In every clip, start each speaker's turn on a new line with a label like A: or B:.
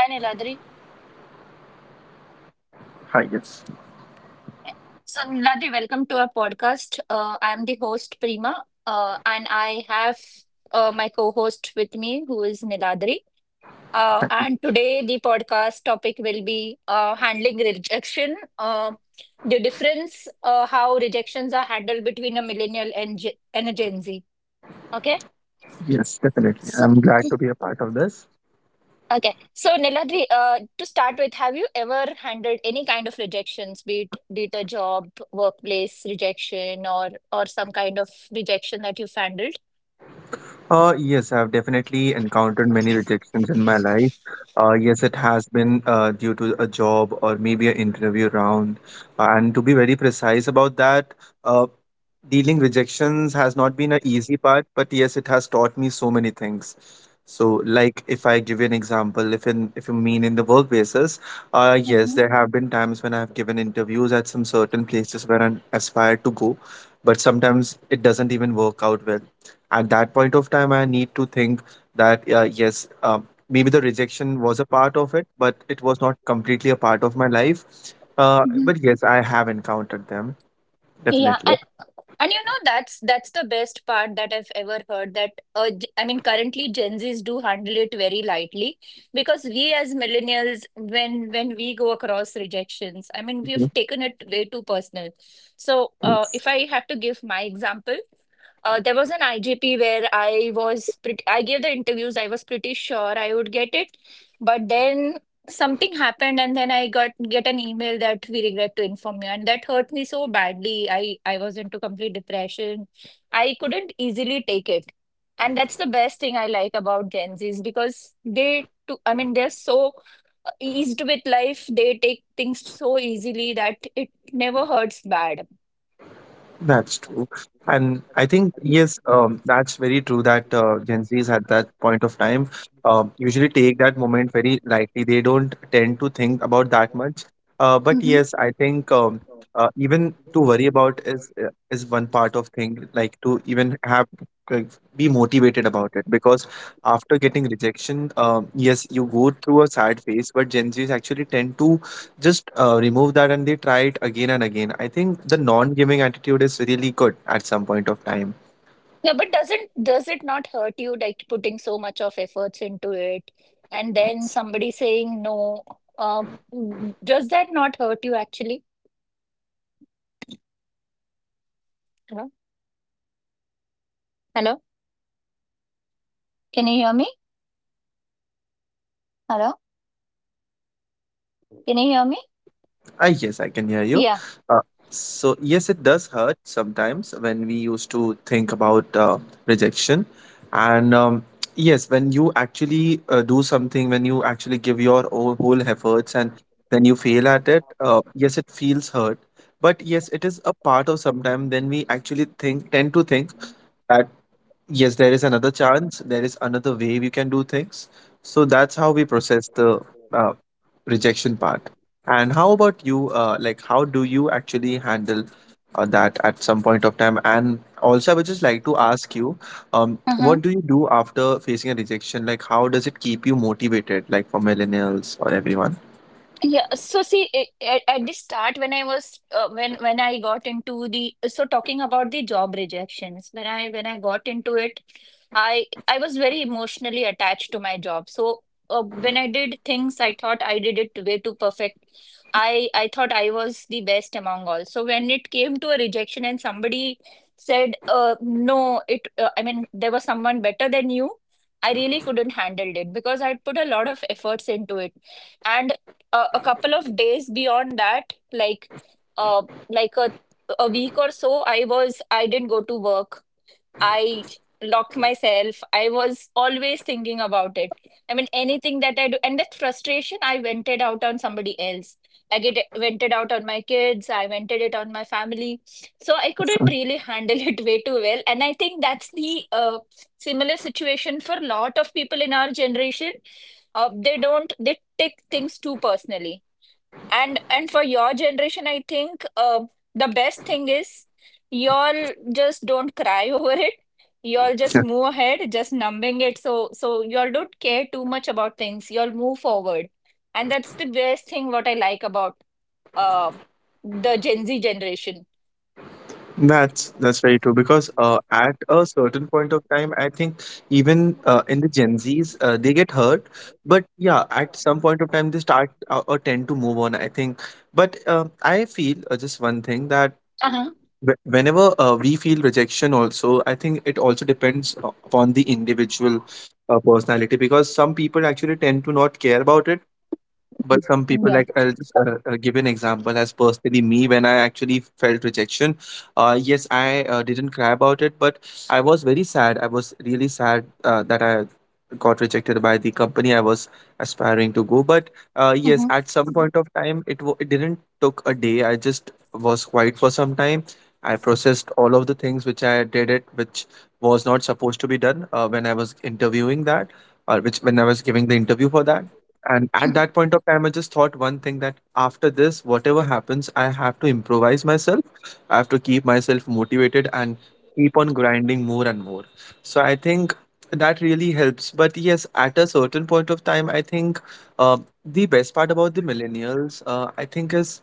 A: Hi, Niladri.
B: Hi, yes.
A: So, Niladri, welcome to our podcast. I'm the host, Prima, and I have my co host with me, who is Niladri. And today, the podcast topic will be handling rejection, the difference, how rejections are handled between a millennial and a Gen Z. Okay.
B: Yes, definitely.
A: So,
B: I'm glad to be a part of this.
A: Okay. So, Niladri, to start with, have you ever handled any kind of rejections, be it a job, workplace rejection, or some kind of rejection that you've handled?
B: Yes, I've definitely encountered many rejections in my life. Yes, it has been due to a job or maybe an interview round. And to be very precise about that, uh, dealing rejections has not been an easy part, but yes, it has taught me so many things. So like, if I give you an example, if you mean in the work basis, yes,
A: hmm
B: there have been times when I have given interviews at some certain places where I aspired to go. But sometimes it doesn't even work out well. At that point of time, I need to think that, yes, maybe the rejection was a part of it, but it was not completely a part of my life. uh,
A: hmm
B: but yes, I have encountered them,
A: Yeah,
B: definitely.
A: and you know, that's the best part that I've ever heard that I mean, currently Gen Zs do handle it very lightly because we as millennials, when we go across rejections, I mean, we have taken it way too personal. So, if I have to give my example, there was an IGP where I was pretty, I gave the interviews. I was pretty sure I would get it, but then something happened and then I got get an email that we regret to inform you, and that hurt me so badly. I was into complete depression. I couldn't easily take it. And that's the best thing I like about Gen Zs, because they to I mean they're so eased with life. They take things so easily that it never hurts bad.
B: That's true. And I think, yes, that's very true that Gen Zs at that point of time usually take that moment very lightly. They don't tend to think about that much. But yes, I think, even to worry about is one part of thing, like to even have, like, be motivated about it. Because after getting rejection, yes, you go through a sad phase, but Gen Zs actually tend to just remove that and they try it again and again. I think the non giving attitude is really good at some point of time.
A: No, but doesn't does it not hurt you like putting so much of efforts into it and then somebody saying no? Uh, does that not hurt you actually?
B: Yes. So yes, it does hurt a bit,
A: Hello?
B: because at that point of time when somebody
A: Hello?
B: says no to something, yes.
A: Can you hear me?
B: Even as when we were children,
A: Hello?
B: and we used to, yes, we used to
A: Can you
B: think
A: hear me?
B: about that. Ah, yes, I can hear you.
A: Yeah.
B: Uh, so yes, it does hurt sometimes when we used to think about rejection and. Yes, when you actually do something, when you actually give your whole efforts, and then you fail at it, yes, it feels hurt. But yes, it is a part of sometime. Then we actually tend to think, that yes, there is another chance. There is another way we can do things. So that's how we process the uh, rejection part. And how about you? Like, how do you actually handle that at some point of time? And also, I would just like to ask you, what
A: Mm-hmm.
B: do you do after facing a rejection? Like, how does it keep you motivated? Like for millennials or everyone?
A: Yeah, so see, at the start, when I was when I got into the so talking about the job rejections, when I got into it, I was very emotionally attached to my job. So when I did things, I thought I did it way too perfect. I thought I was the best among all. So when it came to a rejection and somebody said, no, it I mean there was someone better than you, I really couldn't handle it because I put a lot of efforts into it. And a couple of days beyond that, like uh, like a a week or so, I was I didn't go to work. I locked myself. I was always thinking about it. I mean, anything that I do, and that frustration I vented out on somebody else. I get vented out on my kids. I vented it on my family. So I couldn't really handle it way too well. And I think that's the similar situation for a lot of people in our generation. They don't, they take things too personally, and for your generation I think the best thing is y'all just don't cry over it, y'all just move ahead just numbing it. So y'all don't care too much about things, y'all move forward, and that's the best thing what I like about uh the Gen Z generation.
B: That's very true, because at a certain point of time, I think even in the Gen Zs, they get hurt. But yeah, at some point of time, they start or tend to move on, I think. But I feel, just one thing, that
A: Uh-huh.
B: whenever we feel rejection, also I think it also depends upon the individual personality, because some people actually tend to not care about it, but some people, like, I'll just give an example as personally me, when I actually felt rejection. Yes, I didn't cry about it, but I was very sad. I was really sad, that I got rejected by the company I was aspiring to go. But yes,
A: Mhm.
B: at some point of time, it didn't took a day. I just was quiet for some time. I processed all of the things which I did it, which was not supposed to be done when I was interviewing that, or which when I was giving the interview for that. And at that point of time, I just thought one thing, that after this, whatever happens, I have to improvise myself. I have to keep myself motivated and keep on grinding more and more. So I think that really helps. But yes, at a certain point of time, I think, uh, the best part about the millennials, I think, is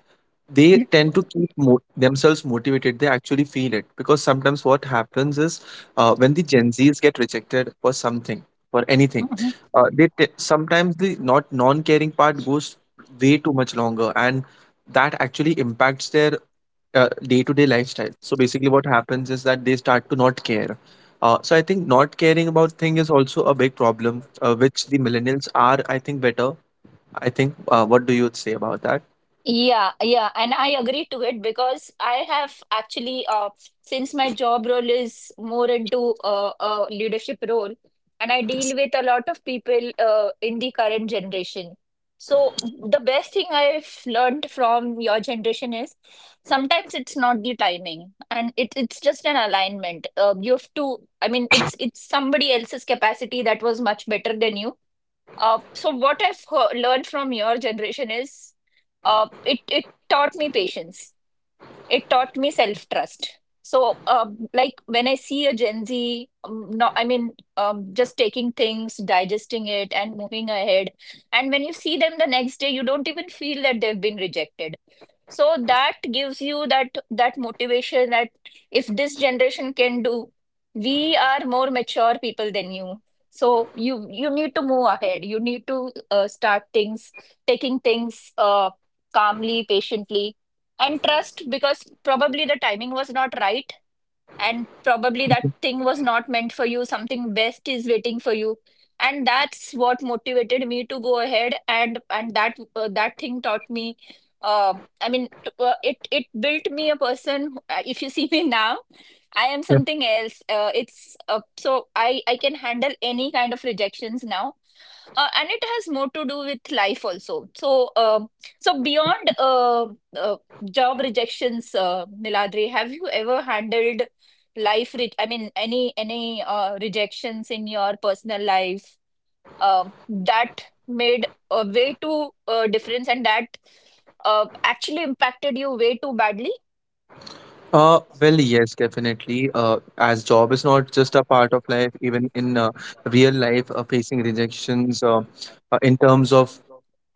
B: they tend to themselves motivated. They actually feel it, because sometimes what happens is, when the Gen Zs get rejected for something, for anything,
A: Mhm.
B: sometimes the not non-caring part goes way too much longer, and that actually impacts their day-to-day lifestyle. So basically what happens is that they start to not care. So I think not caring about thing is also a big problem, which the millennials are, I think, better. I think What do you say about that?
A: Yeah, yeah, and I agree to it because I have actually, since my job role is more into a leadership role, and I deal with a lot of people in the current generation. So the best thing I've learned from your generation is sometimes it's not the timing, and it's just an alignment. You have to, I mean, it's somebody else's capacity that was much better than you. So what learned from your generation is, it taught me patience. It taught me self trust. So, like when I see a Gen Z, no, I mean, just taking things, digesting it, and moving ahead. And when you see them the next day, you don't even feel that they've been rejected, so that gives you that motivation that if this generation can do, we are more mature people than you, so you need to move ahead, you need to start things, taking things calmly, patiently, and trust, because probably the timing was not right and probably that thing was not meant for you, something best is waiting for you. And that's what motivated me to go ahead, and that that thing taught me, uh, I mean it built me a person who, if you see me now, I am
B: Yeah.
A: something else. Uh, it's uh, so I can handle any kind of rejections now. And it has more to do with life also. So, beyond uh, job rejections, Niladri, have you ever handled life? I mean, any rejections in your personal life, that made a way too difference, and that actually impacted you way too badly?
B: Well, yes, definitely. As job is not just a part of life, even in real life, facing rejections, in terms of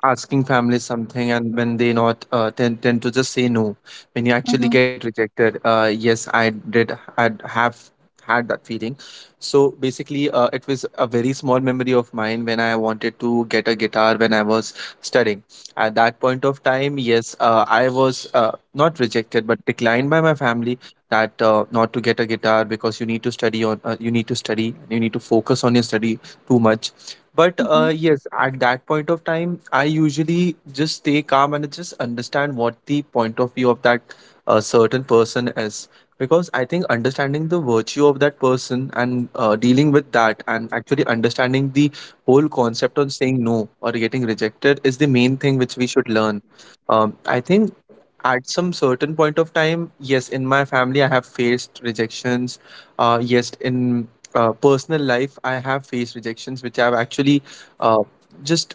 B: asking family something, and when they not tend to just say no. When you actually
A: Mm-hmm.
B: get rejected, yes, I have had that feeling. So basically, it was a very small memory of mine when I wanted to get a guitar when I was studying. At that point of time, yes, I was not rejected but declined by my family, that not to get a guitar because you need to study on. You need to focus on your study too much. But yes, at that point of time, I usually just stay calm and just understand what the point of view of that certain person is. Because I think understanding the virtue of that person, and dealing with that, and actually understanding the whole concept on saying no or getting rejected, is the main thing which we should learn. I think, at some certain point of time, yes, in my family I have faced rejections. Yes, in personal life, I have faced rejections which I've actually uh, just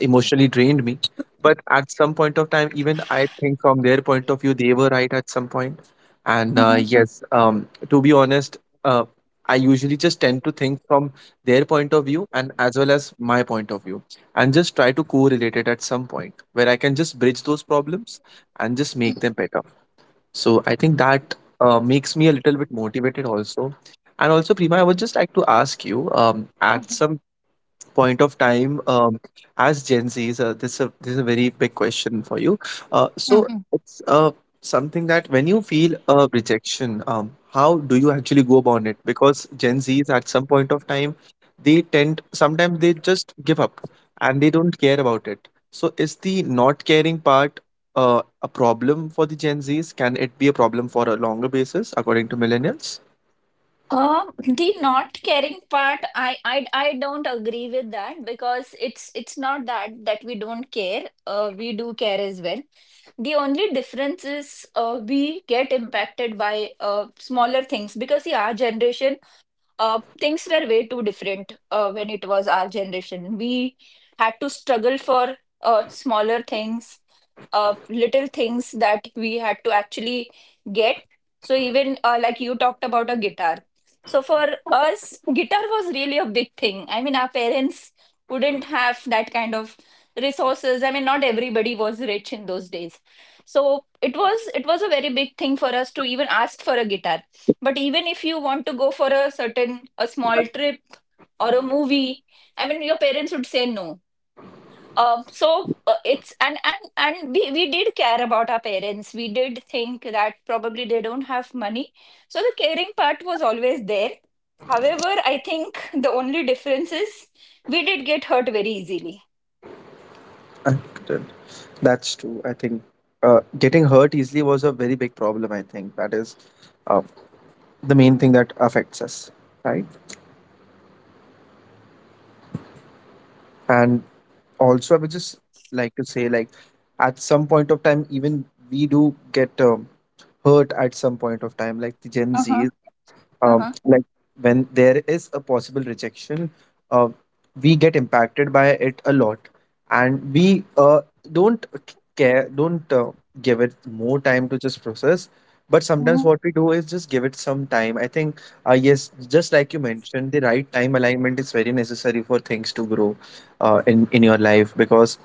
B: emotionally drained me. But at some point of time, even I think from their point of view, they were right at some point. And
A: Mm-hmm.
B: yes, to be honest, uh, I usually just tend to think from their point of view, and as well as my point of view, and just try to correlate it at some point where I can just bridge those problems and just make them better. So I think that makes me a little bit motivated also. And also, Prima, I would just like to ask you, at some point of time, as Gen Zs? This is a very big question for you. So
A: Mm-hmm.
B: it's something that, when you feel a rejection, how do you actually go about it? Because Gen Zs, at some point of time, they tend sometimes they just give up and they don't care about it. So is the not caring part a problem for the Gen Zs? Can it be a problem for a longer basis according to millennials?
A: The not caring part, I don't agree with that because it's not that we don't care. We do care as well. The only difference is we get impacted by smaller things, because see, our generation, things were way too different when it was our generation. We had to struggle for smaller things, little things that we had to actually get. So even like you talked about a guitar. So for us, guitar was really a big thing. I mean, our parents wouldn't have that kind of resources. I mean, not everybody was rich in those days. So it was a very big thing for us to even ask for a guitar. But even if you want to go for a certain a small trip or a movie, I mean, your parents would say no. It's and we did care about our parents. We did think that probably they don't have money, so the caring part was always there. However, I think the only difference is we did get hurt very easily.
B: I did. That's true. I think getting hurt easily was a very big problem. I think that is uh, the main thing that affects us, right? And also, I would just like to say, like, at some point of time, even we do get hurt at some point of time, like the Gen
A: Uh huh.
B: Z.
A: Uh huh.
B: Like, when there is a possible rejection, uh, we get impacted by it a lot, and we don't care, don't give it more time to just process. But sometimes
A: Mm-hmm.
B: what we do is just give it some time. I think, yes, just like you mentioned, the right time alignment is very necessary for things to grow, in your life, because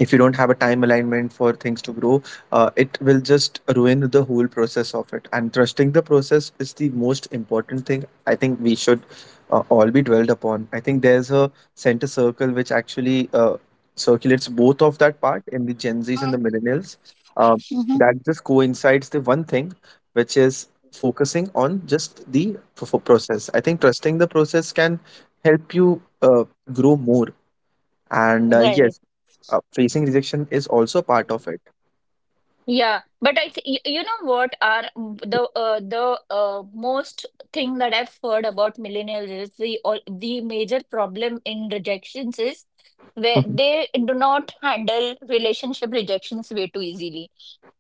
B: if you don't have a time alignment for things to grow, it will just ruin the whole process of it. And trusting the process is the most important thing, I think, we should all be dwelled upon. I think there's a center circle which actually circulates both of that part in the Gen Z's and the millennials, uh,
A: Mm-hmm.
B: that just coincides the one thing, which is focusing on just the process. I think trusting the process can help you uh, grow more. And
A: Right.
B: yes, facing rejection is also part of it.
A: Yeah, but I th, you know what are the most thing that I've heard about millennials is the all the major problem in rejections is where they do not handle relationship rejections way too easily.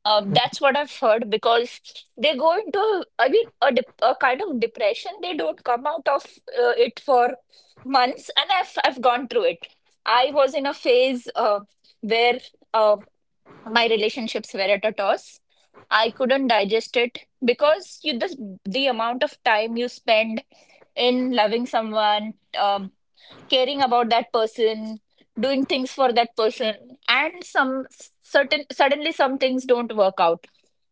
A: That's what I've heard, because they go into I mean a kind of depression. They don't come out of it for months, and I've gone through it. I was in a phase where uh, my relationships were at a toss. I couldn't digest it because you the amount of time you spend in loving someone, um, caring about that person, doing things for that person, and some certain suddenly some things don't work out,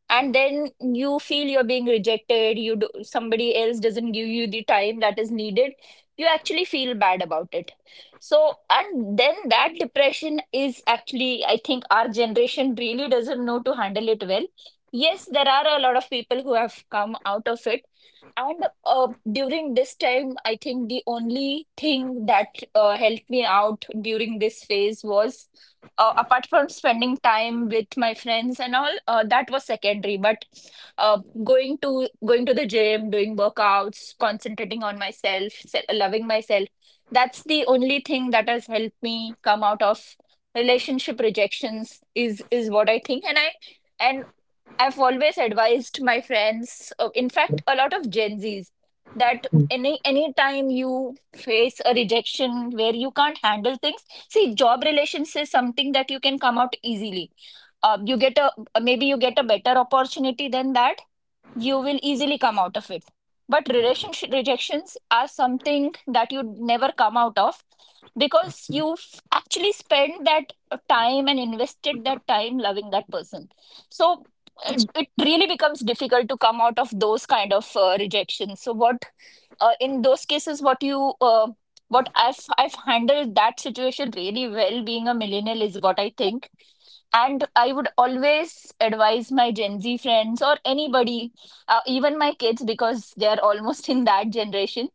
A: and then you feel you're being rejected, you do, somebody else doesn't give you the time that is needed, you actually feel bad about it. So and then that depression is actually, I think, our generation really doesn't know to handle it well. Yes, there are a lot of people who have come out of it. And during this time I think the only thing that helped me out during this phase was, apart from spending time with my friends and all, that was secondary. But uh, going to the gym, doing workouts, concentrating on myself, loving myself, that's the only thing that has helped me come out of relationship rejections, is what I think. And I've always advised my friends, in fact, a lot of Gen Zs, that
B: Mhm.
A: any time you face a rejection where you can't handle things, see, job relations is something that you can come out easily. You get a, maybe you get a better opportunity than that, you will easily come out of it. But relationship rejections are something that you never come out of, because you actually spent that time and invested that time loving that person. So it really becomes difficult to come out of those kind of rejections. So what in those cases, what I've handled that situation really well, being a millennial, is what I think. And I would always advise my Gen Z friends or anybody, even my kids, because they are almost in that generation.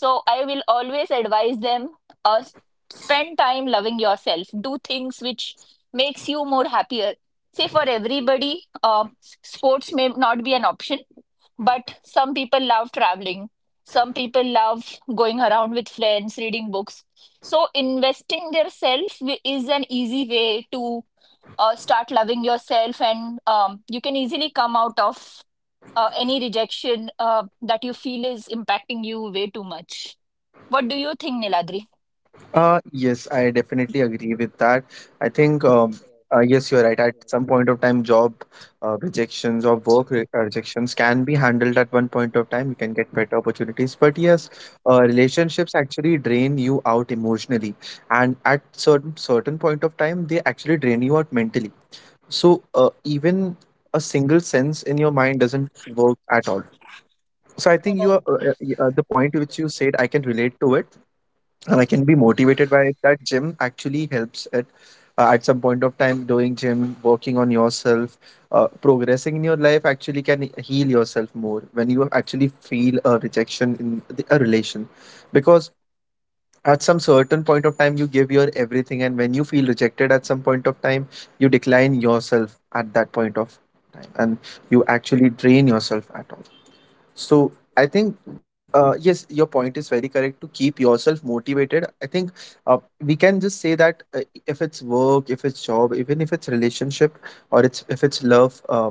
A: So I will always advise them, uh, s- spend time loving yourself, do things which makes you more happier. Say for everybody, uh, sports may not be an option, but some people love traveling, some people love going around with friends, reading books. So investing their self is an easy way to start loving yourself, and you can easily come out of any rejection that you feel is impacting you way too much. What do you think, Niladri?
B: Yes, I definitely agree with that. I think, yes, you're right. At some point of time, job rejections or work re rejections can be handled at one point of time. You can get better opportunities. But yes, relationships actually drain you out emotionally, and at certain point of time, they actually drain you out mentally. So, even a single sense in your mind doesn't work at all. So I think you are, the point which you said, I can relate to it. And I can be motivated by it. That gym actually helps it. At some point of time, doing gym, working on yourself, progressing in your life actually can heal yourself more when you actually feel a rejection in a relation. Because at some certain point of time, you give your everything, and when you feel rejected at some point of time, you decline yourself at that point of time, and you actually drain yourself at all. So I think yes, your point is very correct to keep yourself motivated. I think uh, we can just say that if it's work, if it's job, even if it's relationship or it's if it's love,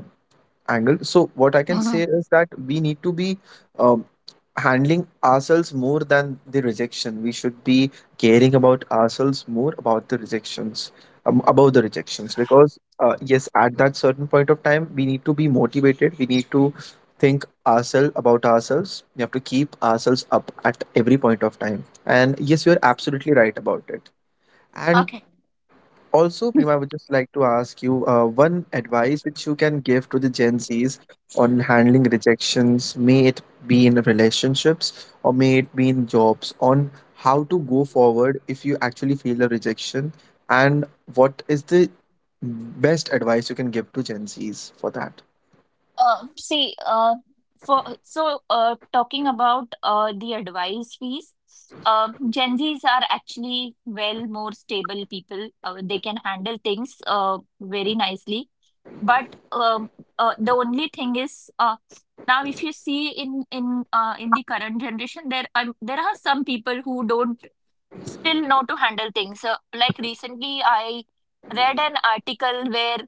B: angle. So what I can
A: Hmm.
B: say is that we need to be um, handling ourselves more than the rejection. We should be caring about ourselves more about the rejections, about the rejections. Because yes, at that certain point of time, we need to be motivated. We need to think ourselves about ourselves. We have to keep ourselves up at every point of time. And yes, you are absolutely right about it. And
A: Okay.
B: also, Prima, I would just like to ask you one advice which you can give to the Gen Zs on handling rejections, may it be in relationships or may it be in jobs, on how to go forward if you actually feel a rejection, and what is the best advice you can give to Gen Zs for that?
A: See, for so talking about the advice piece, Gen Zs are actually well more stable people. They can handle things very nicely. But um the only thing is now if you see in the current generation, there are some people who don't still know to handle things. Like recently, I read an article where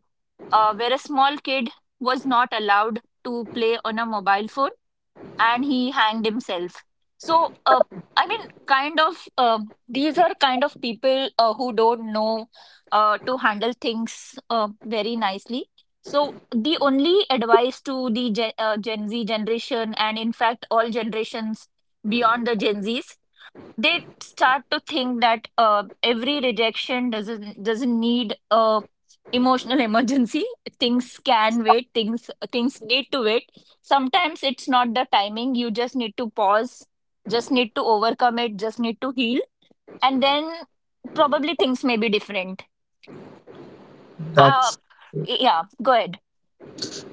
A: where a small kid was not allowed to play on a mobile phone and he hanged himself. So, uh, I mean, these are kind of people who don't know to handle things very nicely. So, the only advice to the Gen Z generation, and in fact, all generations beyond the Gen Zs, they start to think that every rejection doesn't need a emotional emergency. Things can wait. Things need to wait. Sometimes it's not the timing. You just need to pause, just need to overcome it, just need to heal, and then probably things may be different. uh,
B: That's
A: yeah go ahead.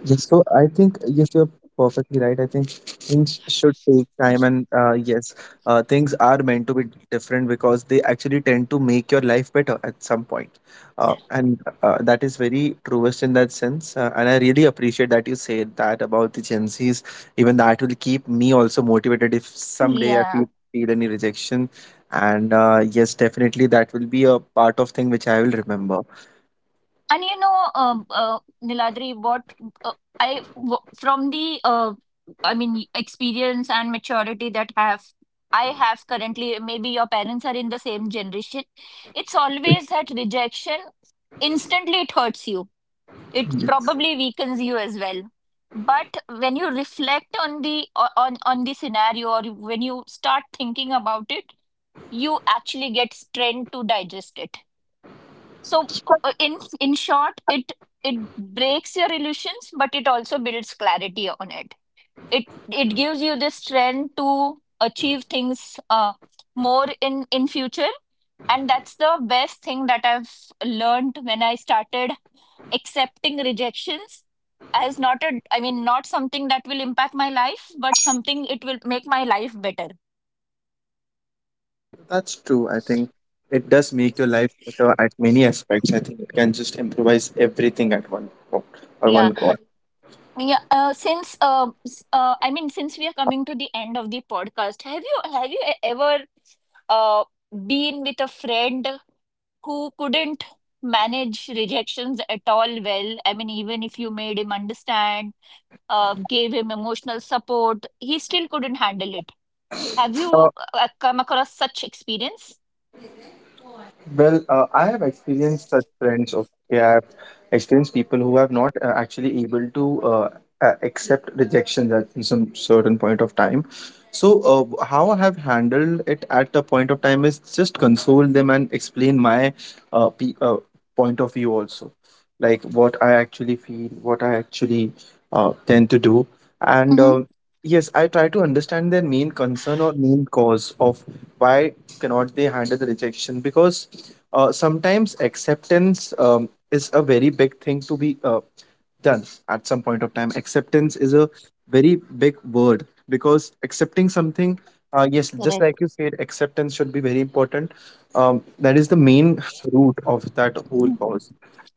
B: Yes, so I think yes, you're perfectly right. I think things should take time, and yes, things are meant to be different because they actually tend to make your life better at some point, and that is very truest in that sense. And I really appreciate that you said that about the Gen Zs. Even that will keep me also motivated if someday
A: Yeah.
B: feel any rejection, and yes, definitely that will be a part of thing which I will remember.
A: And you know, Niladri, what uh, I w- from the I mean, experience and maturity that have I have currently, maybe your parents are in the same generation. It's always that rejection instantly it hurts you. It probably weakens you as well. But when you reflect on on the scenario, or when you start thinking about it, you actually get strength to digest it. So in short, it breaks your illusions, but it also builds clarity on it. It gives you the strength to achieve things more in future, and that's the best thing that I've learned when I started accepting rejections as not a I mean not something that will impact my life, but something it will make my life better.
B: That's true. I think it does make your life better at many aspects. I think it can just improvise everything at one point or one
A: Yeah.
B: go.
A: Yeah, since s- I mean, since we are coming to the end of the podcast, have you ever uh been with a friend who couldn't manage rejections at all well? I mean, even if you made him understand, gave him emotional support, he still couldn't handle it. Have you
B: Uh,
A: come across such experience?
B: I have experienced such friends. Okay, I have experienced people who have not actually able to accept rejection at some certain point of time. So, how I have handled it at the point of time is just console them and explain my pe point of view also, like what I actually feel, what I actually tend to do. And yes, I try to understand their main concern or main cause of why cannot they handle the rejection because sometimes acceptance is a very big thing to be done at some point of time. Acceptance is a very big word because accepting something, yes, just like you said, acceptance should be very important. That is the main root of that whole
A: Mm-hmm.
B: cause.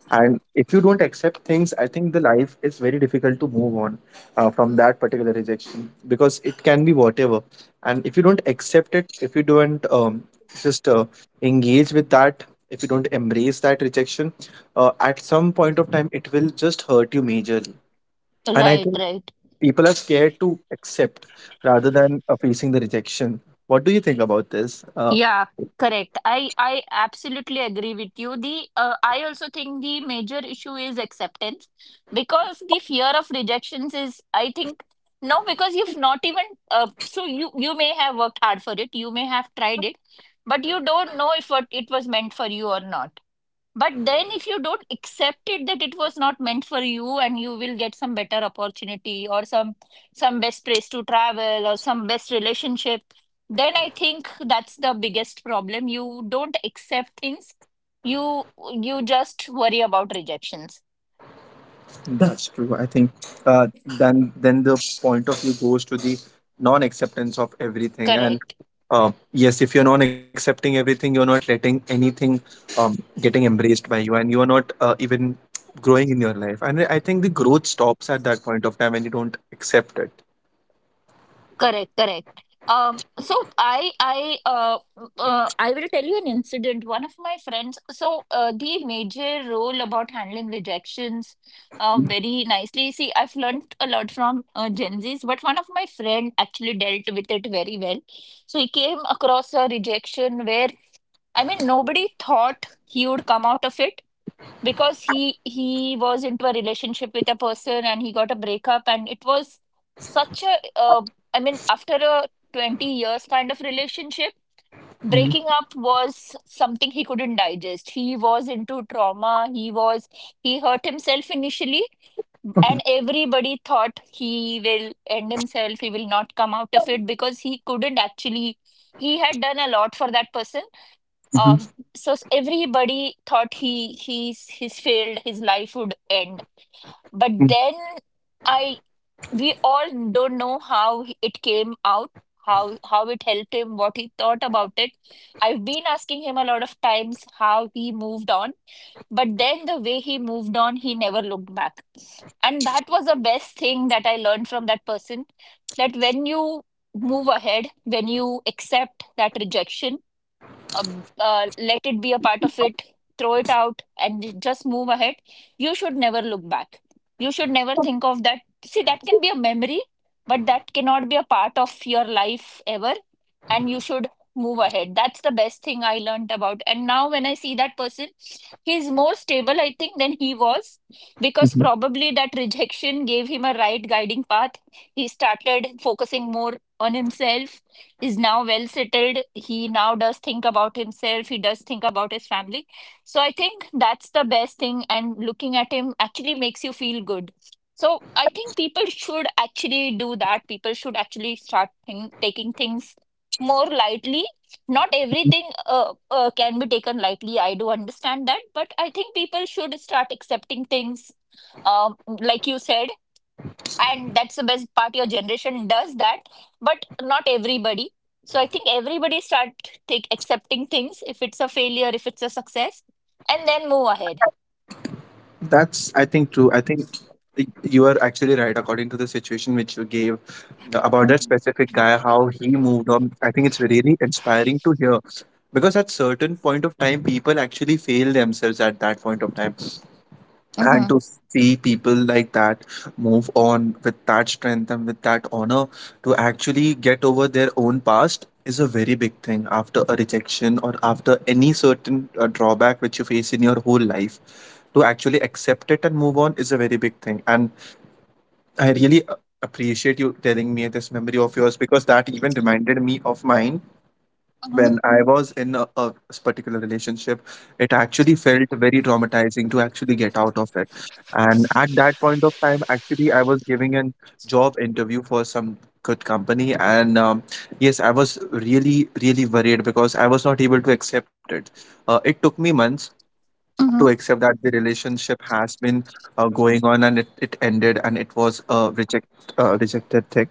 B: And if you don't accept things, I think the life is very difficult to move on from that particular rejection because it can be whatever. And if you don't accept it, if you don't just engage with that, if you don't embrace that rejection, at some point of time, it will just hurt you majorly. And I
A: Right,
B: think
A: right.
B: people are scared to accept rather than facing the rejection. What do you think about this? Uh,
A: Yeah, correct. I absolutely agree with you. The I also think the major issue is acceptance, because the fear of rejections is, I think, no because you've not even so you may have worked hard for it, you may have tried it, but you don't know if what it was meant for you or not. But then, if you don't accept it that it was not meant for you, and you will get some better opportunity or some best place to travel or some best relationship, then I think that's the biggest problem. You don't accept things. You you just worry about rejections.
B: That's true. I think uh, then the point of view goes to the non-acceptance of everything. And
A: Correct.
B: yes, if you're not accepting everything, you're not letting anything getting embraced by you, and you're not even growing in your life. And I think the growth stops at that point of time when you don't accept it.
A: Correct, correct. So I will tell you an incident. One of my friends, so the major role about handling rejections, very nicely. See, I've learned a lot from Gen Zs, but one of my friend actually dealt with it very well. So he came across a rejection where I mean nobody thought he would come out of it, because he was into a relationship with a person and he got a breakup, and it was such a after a 20 years kind of relationship,
B: Mhm.
A: breaking up was something he couldn't digest. He was into trauma. He was, he hurt himself initially,
B: Okay.
A: and everybody thought he will end himself, he will not come out of it, because he couldn't actually, he had done a lot for that person. Everybody thought he's failed, his life would end. But then I, we all don't know how it came out, how it helped him, what he thought about it. I've been asking him a lot of times how he moved on, but then the way he moved on, he never looked back. And that was the best thing that I learned from that person, that when you move ahead, when you accept that rejection, let it be a part of it, throw it out, and just move ahead. You should never look back. You should never think of that. See, that can be a memory, but that cannot be a part of your life ever. And you should move ahead. That's the best thing I learned about. And now, when I see that person, he's more stable, I think, than he was, because
B: Mhm.
A: probably that rejection gave him a right guiding path. He started focusing more on himself, is now well settled. He now does think about himself, he does think about his family. So I think that's the best thing, and looking at him actually makes you feel good. So I think people should actually do that. People should actually taking things more lightly. Not everything can be taken lightly. I do understand that, but I think people should start accepting things, like you said, and that's the best part, your generation does that, but not everybody. So I think everybody start take accepting things, if it's a failure, if it's a success, and then move ahead.
B: That's, I think, true. I think you are actually right. According to the situation which you gave about that
A: Mm-hmm.
B: specific guy, how he moved on, I think it's really inspiring to hear. Because at certain point of time, people actually fail themselves at that point of time. And to see people like that move on with that strength and with that honor to actually get over their own past is a very big thing after a rejection or after any certain drawback which you face in your whole life. To actually accept it and move on is a very big thing. And I really appreciate you telling me this memory of yours because that even reminded me of mine when I was in a particular relationship, it actually felt very traumatizing to actually get out of it. And at that point of time, actually, I was giving a job interview for some good company. And yes, I was really, really worried because I was not able to accept it. It took me months
A: Mm-hmm.
B: to accept that the relationship has been going on and it ended and it was a rejected thing.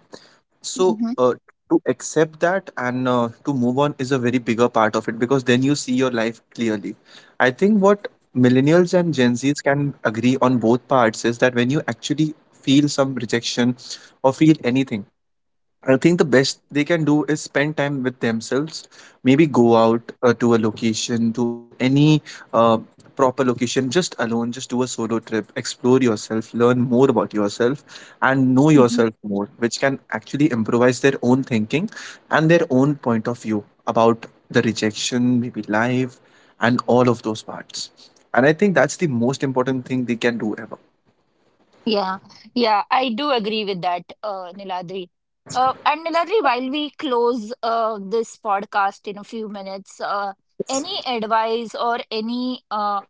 B: So, to accept that and to move on is a very bigger part of it because then you see your life clearly. I think what millennials and Gen Zs can agree on both parts is that when you actually feel some rejection or feel anything, I think the best they can do is spend time with themselves. Maybe go out to a location, to any uh, proper location, just alone, just do a solo trip, explore yourself, learn more about yourself, and know
A: Mm-hmm.
B: yourself more, which can actually improvise their own thinking and their own point of view about the rejection, maybe life, and all of those parts. And I think that's the most important thing they can do ever.
A: Yeah, yeah, I do agree with that, Niladri. And Niladri, while we close this podcast in a few minutes, any advice or any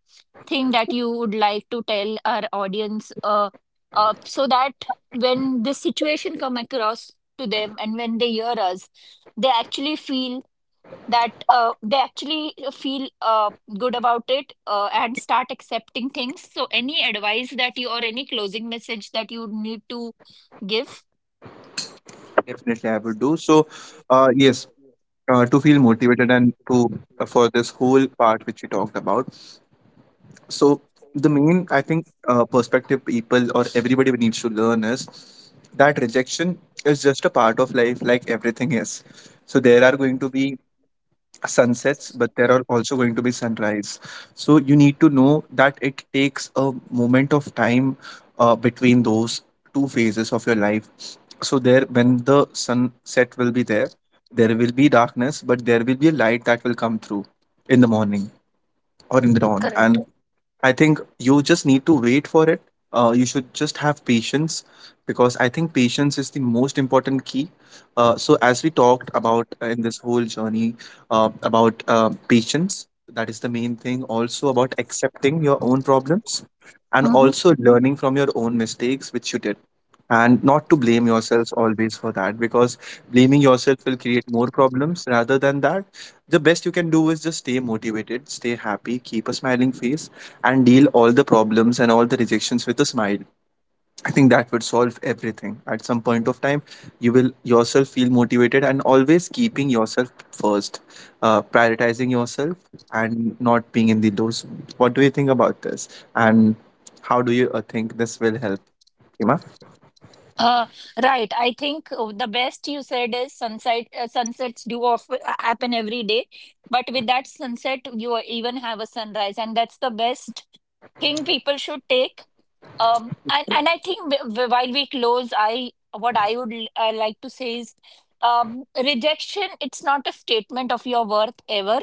A: thing that you would like to tell our audience so that when this situation come across to them and when they hear us, they actually feel that they actually feel good about it, and start accepting things. So, any advice that you or any closing message that you need to give?
B: Definitely, I would do. So, yes, to feel motivated and to for this whole part which we talked about. So the main I think perspective people or everybody needs to learn is that rejection is just a part of life, like everything is. So there are going to be sunsets, but there are also going to be sunrise. So you need to know that it takes a moment of time between those two phases of your life. So there when the sunset will be there, there will be darkness, but there will be a light that will come through in the morning or in the dawn. And I think you just need to wait for it. You should just have patience because I think patience is the most important key. So, as we talked about in this whole journey about patience, that is the main thing, also about accepting your own problems and
A: Hmm.
B: also learning from your own mistakes which you did and not to blame yourselves always for that, because blaming yourself will create more problems. Rather than that, the best you can do is just stay motivated, stay happy, keep a smiling face, and deal all the problems and all the rejections with a smile. I think that would solve everything. At some point of time, you will yourself feel motivated and always keeping yourself first, prioritizing yourself and not being in the low zone. What do you think about this? And how do you think this will help, Kima?
A: Uh, right. I think the best you said is sunset. Sunsets do of, happen every day, but with that sunset, you even have a sunrise, and that's the best think people should take. And I think while we close, I what I would like to say is, rejection, it's not a statement of your worth ever.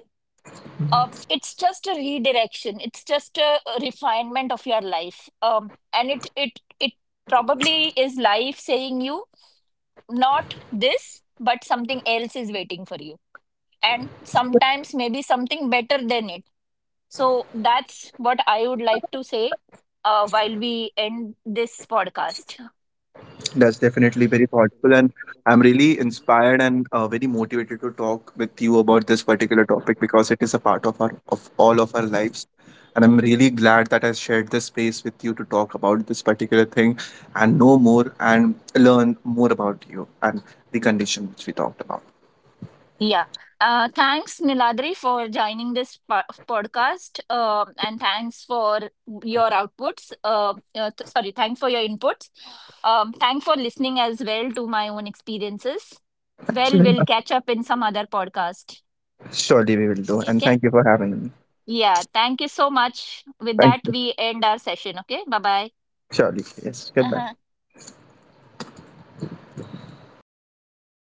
A: It's just a redirection. It's just a refinement of your life. And it probably is life saying you, not this, but something else is waiting for you. And sometimes maybe something better than it. So that's what I would like to say while we end this podcast.
B: That's definitely very thoughtful, and I'm really inspired and very motivated to talk with you about this particular topic because it is a part of our of all of our lives. And I'm really glad that I shared this space with you to talk about this particular thing and know more and learn more about you and the condition which we talked about.
A: Yeah. Thanks, Niladri, for joining this podcast. And thanks for your outputs. Sorry, thanks for your inputs. Thanks for listening as well to my own experiences.
B: Thank you
A: Well,
B: very
A: we'll
B: much.
A: catch up in some other podcast.
B: Surely we will do, and
A: Okay.
B: thank you for having me.
A: Yeah. Thank you so much. With
B: Thank
A: that,
B: you.
A: we end our session. Okay. Bye bye.
B: Surely, yes.
A: Uh
B: Goodbye.
A: huh.